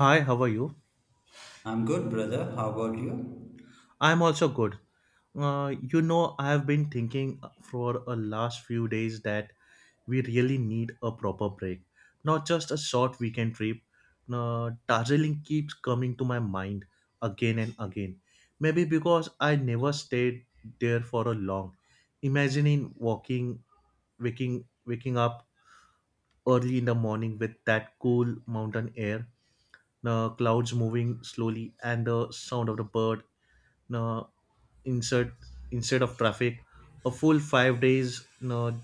Hi, how are you? I'm good, brother. How about you? I'm also good. I've been thinking for a last few days that we really need a proper break, not just a short weekend trip. Darjeeling keeps coming to my mind again and again. Maybe because I never stayed there for a long. Imagining waking up early in the morning with that cool mountain air, the clouds moving slowly, and the sound of the bird. Uh, insert Instead of traffic, a full 5 days. No,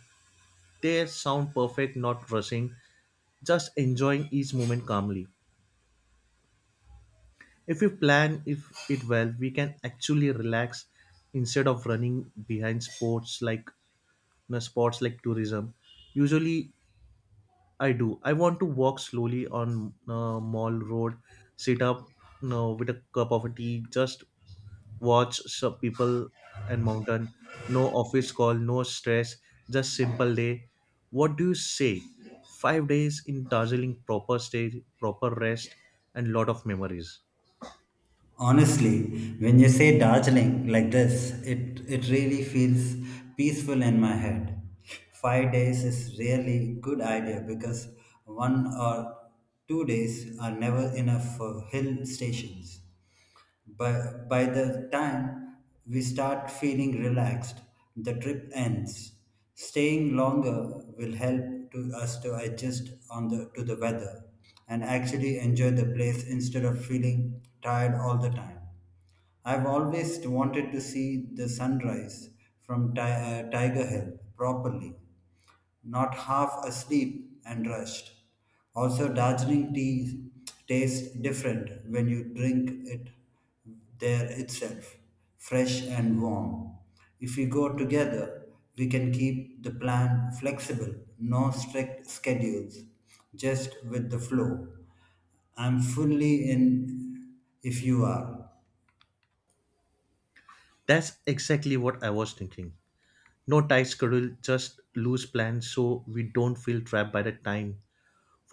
they sound perfect, not rushing, just enjoying each moment calmly. If we plan if it well, we can actually relax instead of running behind sports like tourism usually. I want to walk slowly on Mall Road, sit up, with a cup of tea, just watch some people and mountain. No office call, no stress, just simple day. What do you say? 5 days in Darjeeling, proper stay, proper rest, and lot of memories. Honestly, when you say Darjeeling like this, it really feels peaceful in my head. 5 days is really good idea because one or two days are never enough for hill stations. By the time we start feeling relaxed, the trip ends. Staying longer will help to us to adjust on the to the weather and actually enjoy the place instead of feeling tired all the time. I've always wanted to see the sunrise from Tiger Hill properly, not half asleep and rushed. Also, Darjeeling tea tastes different when you drink it there itself, fresh and warm. If we go together, we can keep the plan flexible, no strict schedules, just with the flow. I'm fully in if you are. That's exactly what I was thinking. No tight schedule, just loose plans, so we don't feel trapped by the time.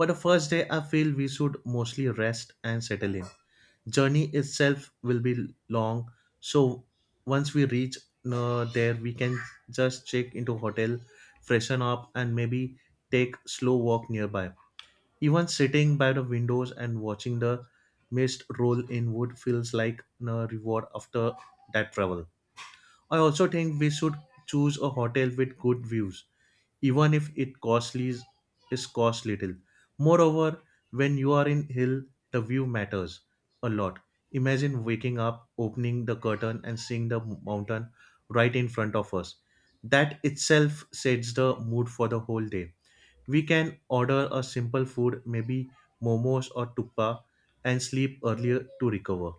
For the first day, I feel we should mostly rest and settle in. Journey itself will be long, so once we reach there, we can just check into hotel, freshen up, and maybe take slow walk nearby. Even sitting by the windows and watching the mist roll in wood feels like a reward after that travel. I also think we should choose a hotel with good views, even if it costly is cost little. Moreover, when you are in hill, the view matters a lot. Imagine waking up, opening the curtain, and seeing the mountain right in front of us. That itself sets the mood for the whole day. We can order a simple food, maybe momos or tuppa, and sleep earlier to recover.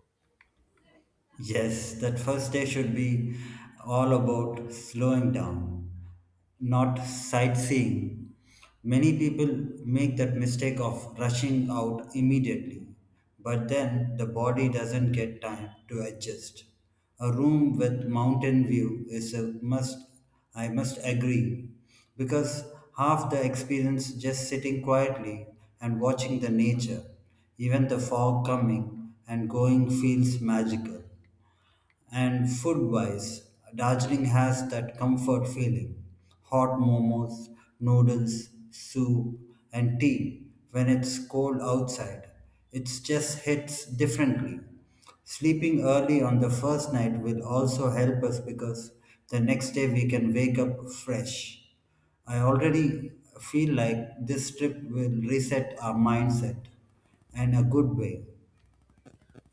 Yes, that first day should be all about slowing down, not sightseeing. Many people make that mistake of rushing out immediately, but then the body doesn't get time to adjust. A room with mountain view is a must, I must agree, because half the experience just sitting quietly and watching the nature, even the fog coming and going feels magical. And food wise, Darjeeling has that comfort feeling hot momos, noodles, soup, and tea when it's cold outside. It just hits differently. Sleeping early on the first night will also help us because the next day we can wake up fresh. I already feel like this trip will reset our mindset in a good way.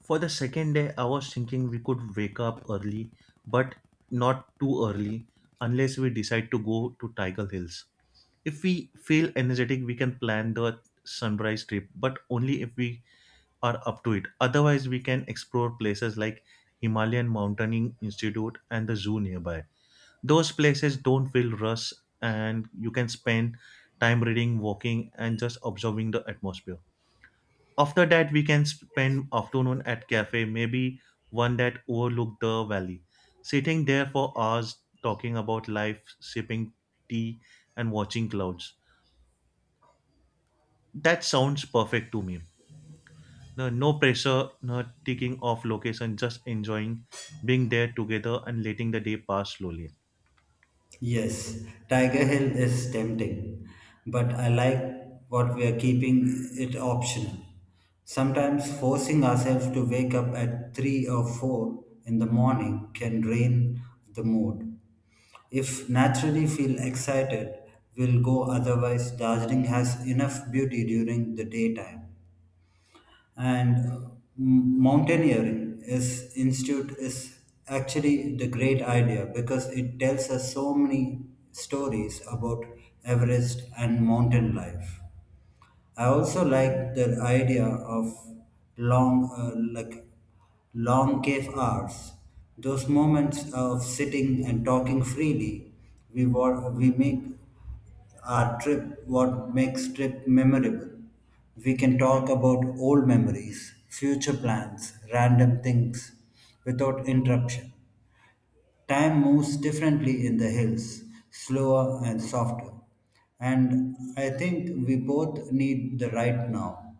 For the second day, I was thinking we could wake up early, but not too early unless we decide to go to Tiger Hills. If we feel energetic, we can plan the sunrise trip, but only if we are up to it. Otherwise, we can explore places like Himalayan Mountaineering Institute and the zoo nearby. Those places don't feel rush, and you can spend time reading, walking, and just observing the atmosphere. After that, we can spend afternoon at cafe, maybe one that overlook the valley. Sitting there for hours, talking about life, sipping tea, and watching clouds. That sounds perfect to me. No, no pressure, no ticking off location, just enjoying being there together and letting the day pass slowly. Yes, Tiger Hill is tempting, but I like what we are keeping it optional. Sometimes forcing ourselves to wake up at 3 or 4 in the morning can drain the mood. If naturally feel excited, we'll go otherwise Darjeeling has enough beauty during the daytime and mountaineering is institute is actually the great idea because it tells us so many stories about Everest and mountain life. I also like the idea of like long cave hours. Those moments of sitting and talking freely, we make our trip what makes trip memorable. We can talk about old memories, future plans, random things, without interruption. Time moves differently in the hills, slower and softer. And I think we both need the right now.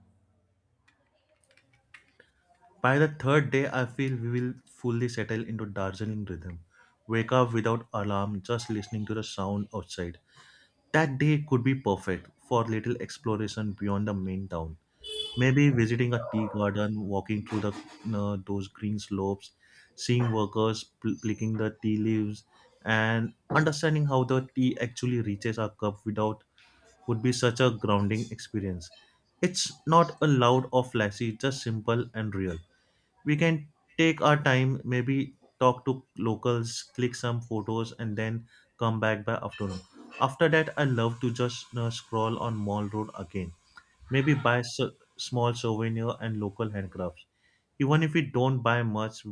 By the third day, I feel we will fully settle into Darjeeling rhythm. Wake up without alarm, just listening to the sound outside. That day could be perfect for little exploration beyond the main town. Maybe visiting a tea garden, walking through the those green slopes, seeing workers picking the tea leaves, and understanding how the tea actually reaches our cup without would be such a grounding experience. It's not a loud or flashy, just simple and real. We can take our time, maybe talk to locals, click some photos, and then come back by afternoon. After that, I love to just scroll on Mall Road again, maybe buy s small souvenir and local handcrafts. Even if we don't buy much,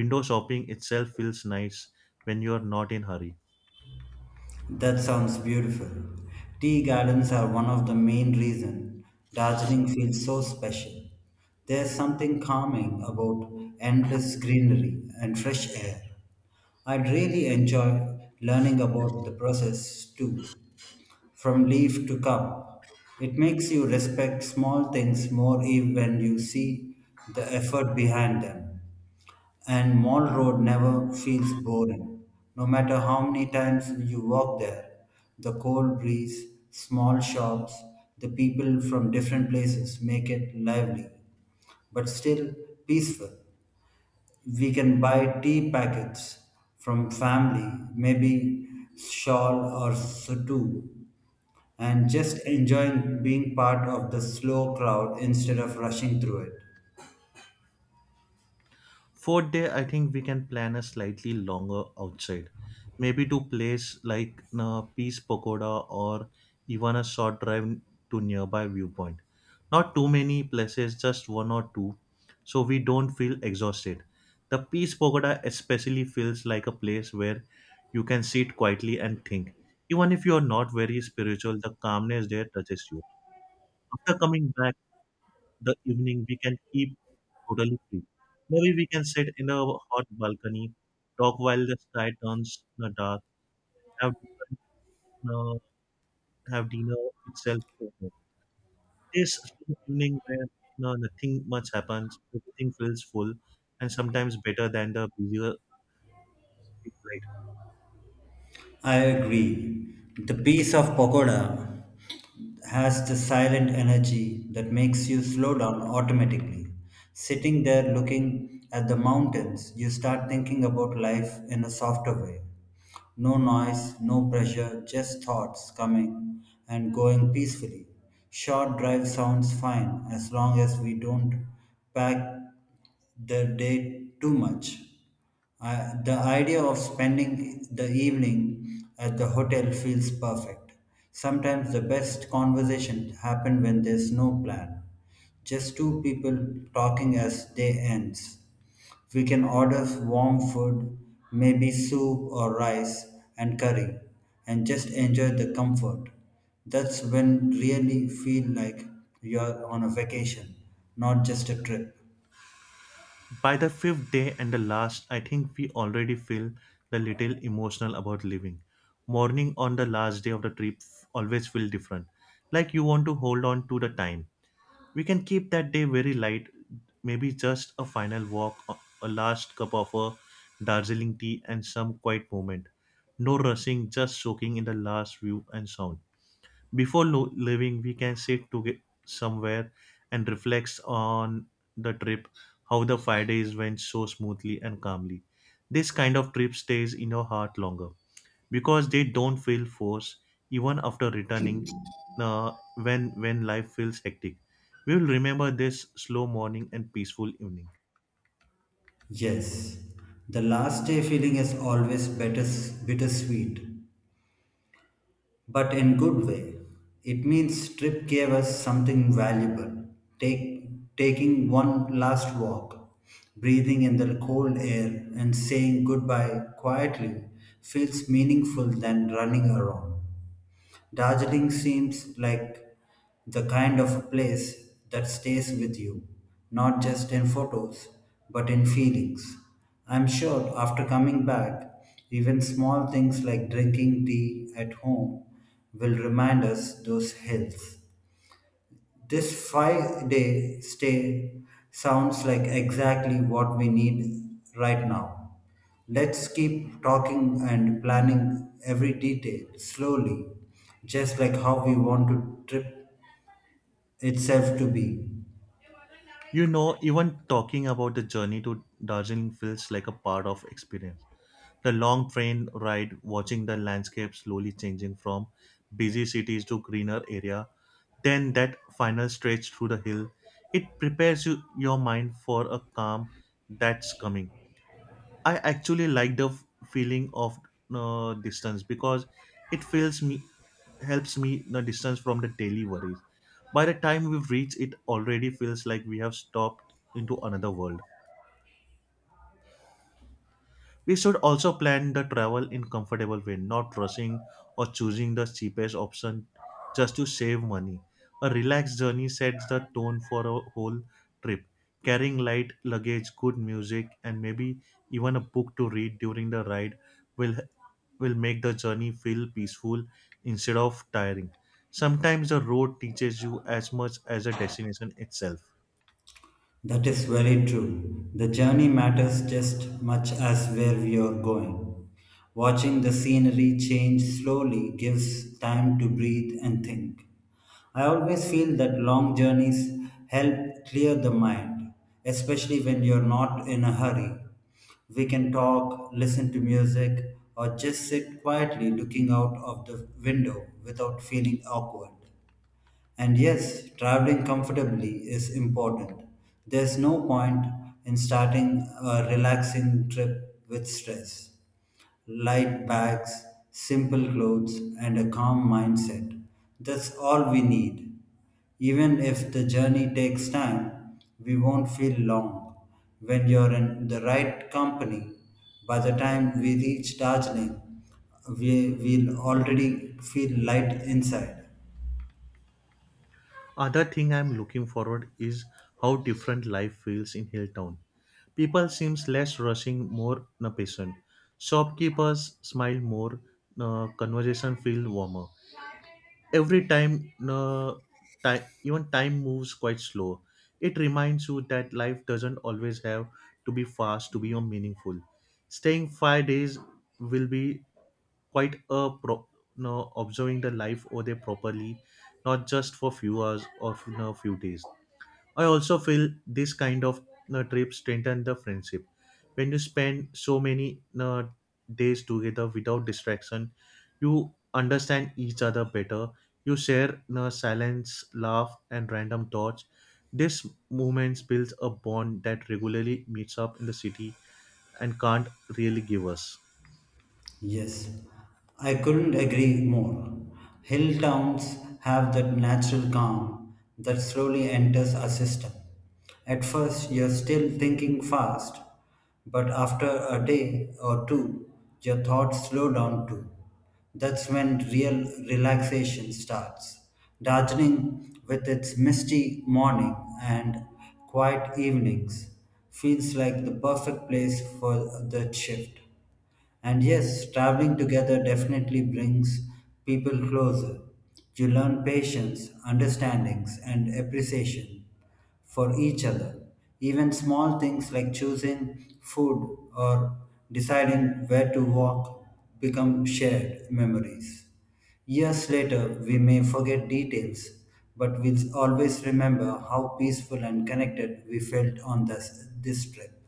window shopping itself feels nice when you are not in hurry. That sounds beautiful. Tea gardens are one of the main reasons. Darjeeling feels so special. There's something calming about endless greenery and fresh air. I'd really enjoy learning about the process too. From leaf to cup, it makes you respect small things more. Even when you see the effort behind them. And Mall Road never feels boring. No matter how many times you walk there, the cold breeze, small shops, the people from different places make it lively, but still peaceful. We can buy tea packets from family, maybe shawl or sutu and just enjoying being part of the slow crowd instead of rushing through it. Fourth day, I think we can plan a slightly longer outside, maybe to place like Peace Pagoda or even a short drive to nearby viewpoint. Not too many places, just one or two, so we don't feel exhausted. The Peace Pagoda especially feels like a place where you can sit quietly and think. Even if you are not very spiritual, the calmness there touches you. After coming back the evening, we can keep totally free. Maybe we can sit in a hot balcony, talk while the sky turns dark, have uh, have dinner itself. This evening where no, nothing much happens, everything feels full, and sometimes better than the busier big night. I agree. The piece of pagoda has the silent energy that makes you slow down automatically. Sitting there looking at the mountains, you start thinking about life in a softer way. No noise, no pressure, just thoughts coming and going peacefully. Short drive sounds fine as long as we don't pack the day too much. I, the idea of spending the evening at the hotel feels perfect. Sometimes the best conversations happen when there's no plan, just two people talking as day ends. We can order warm food, maybe soup or rice and curry, and just enjoy the comfort. That's when really feel like you're on a vacation, not just a trip. By the fifth day and the last, I think we already feel the little emotional about living. Morning on the last day of the trip always feel different, like you want to hold on to the time. We can keep that day very light, maybe just a final walk, a last cup of a Darjeeling tea, and some quiet moment. No rushing, just soaking in the last view and sound. Before leaving, we can sit together somewhere and reflect on the trip, how the 5 days went so smoothly and calmly. This kind of trip stays in your heart longer because they don't feel forced even after returning, uh, when life feels hectic. We will remember this slow morning and peaceful evening. Yes, the last day feeling is always bittersweet, but in good way. It means trip gave us something valuable. Take, taking one last walk, breathing in the cold air, and saying goodbye quietly feels meaningful than running around. Darjeeling seems like the kind of a place that stays with you, not just in photos, but in feelings. I'm sure after coming back, even small things like drinking tea at home will remind us those hills. This 5 day stay sounds like exactly what we need right now. Let's keep talking and planning every detail slowly, just like how we want to trip itself to be. Even talking about the journey to Darjeeling feels like a part of experience. The long train ride, watching the landscape slowly changing from busy cities to greener area, then that final stretch through the hill, it prepares your mind for a calm that's coming. I actually like the feeling of distance because it feels me helps me the distance from the daily worries. By the time we've reached, it already feels like we have stopped into another world. We should also plan the travel in comfortable way, not rushing or choosing the cheapest option just to save money. A relaxed journey sets the tone for a whole trip. Carrying light luggage, good music, and maybe even a book to read during the ride will will make the journey feel peaceful instead of tiring. Sometimes the road teaches you as much as a destination itself. That is very true. The journey matters just much as where we are going. Watching the scenery change slowly gives time to breathe and think. I always feel that long journeys help clear the mind, especially when you're not in a hurry. We can talk, listen to music, or just sit quietly looking out of the window without feeling awkward. And yes, traveling comfortably is important. There's no point in starting a relaxing trip with stress. Light bags, simple clothes, and a calm mindset. That's all we need. Even if the journey takes time, we won't feel long. When you're in the right company, by the time we reach Darjeeling, we will already feel light inside. Other thing I'm looking forward is how different life feels in Hilltown. People seems less rushing, more na patient. Shopkeepers smile more, na conversation feel warmer. Every time, na time, even time moves quite slow. It reminds you that life doesn't always have to be fast to be meaningful. Staying 5 days will be quite a observing the life over there properly, not just for few hours or few days. I also feel this kind of trips strengthen the friendship when you spend so many you know, days together without distraction. You understand each other better. You share, silence, laugh, and random thoughts. This moments builds a bond that regularly meets up in the city and can't really give us. Yes, I couldn't agree more. Hill towns have that natural calm that slowly enters our system. At first, you're still thinking fast, but after a day or two, your thoughts slow down too. That's when real relaxation starts. Darjeeling, with its misty morning and quiet evenings, feels like the perfect place for that shift. And yes, traveling together definitely brings people closer. You learn patience, understandings, and appreciation for each other. Even small things like choosing food or deciding where to walk become shared memories. Years later, we may forget details, but we'll always remember how peaceful and connected we felt on this trip.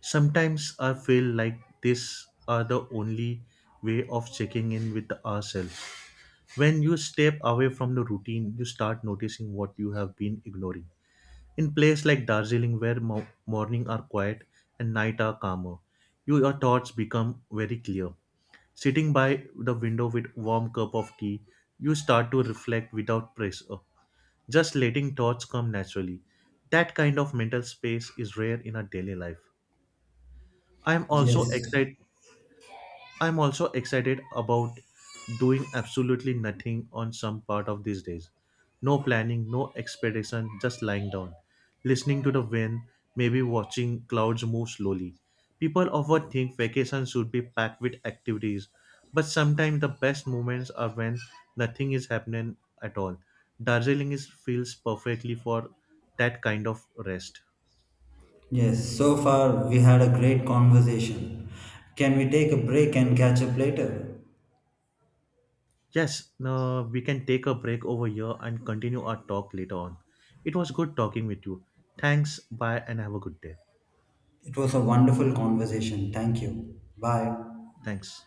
Sometimes I feel like these are the only way of checking in with ourselves. When you step away from the routine, you start noticing what you have been ignoring. In places like Darjeeling, where morning are quiet and night are calmer, your thoughts become very clear. Sitting by the window with warm cup of tea, you start to reflect without pressure, just letting thoughts come naturally. That kind of mental space is rare in our daily life. I am also Yes. excited I'm also excited about doing absolutely nothing on some part of these days. No planning, no expectation, just lying down, listening to the wind, maybe watching clouds move slowly. People often think vacations should be packed with activities, but sometimes the best moments are when nothing is happening at all. Darjeeling is feels perfectly for that kind of rest. Yes, so far we had a great conversation. Can we take a break and catch up later? Yes, no, we can take a break over here and continue our talk later on. It was good talking with you. Thanks, bye, and have a good day. It was a wonderful conversation. Thank you. Bye. Thanks.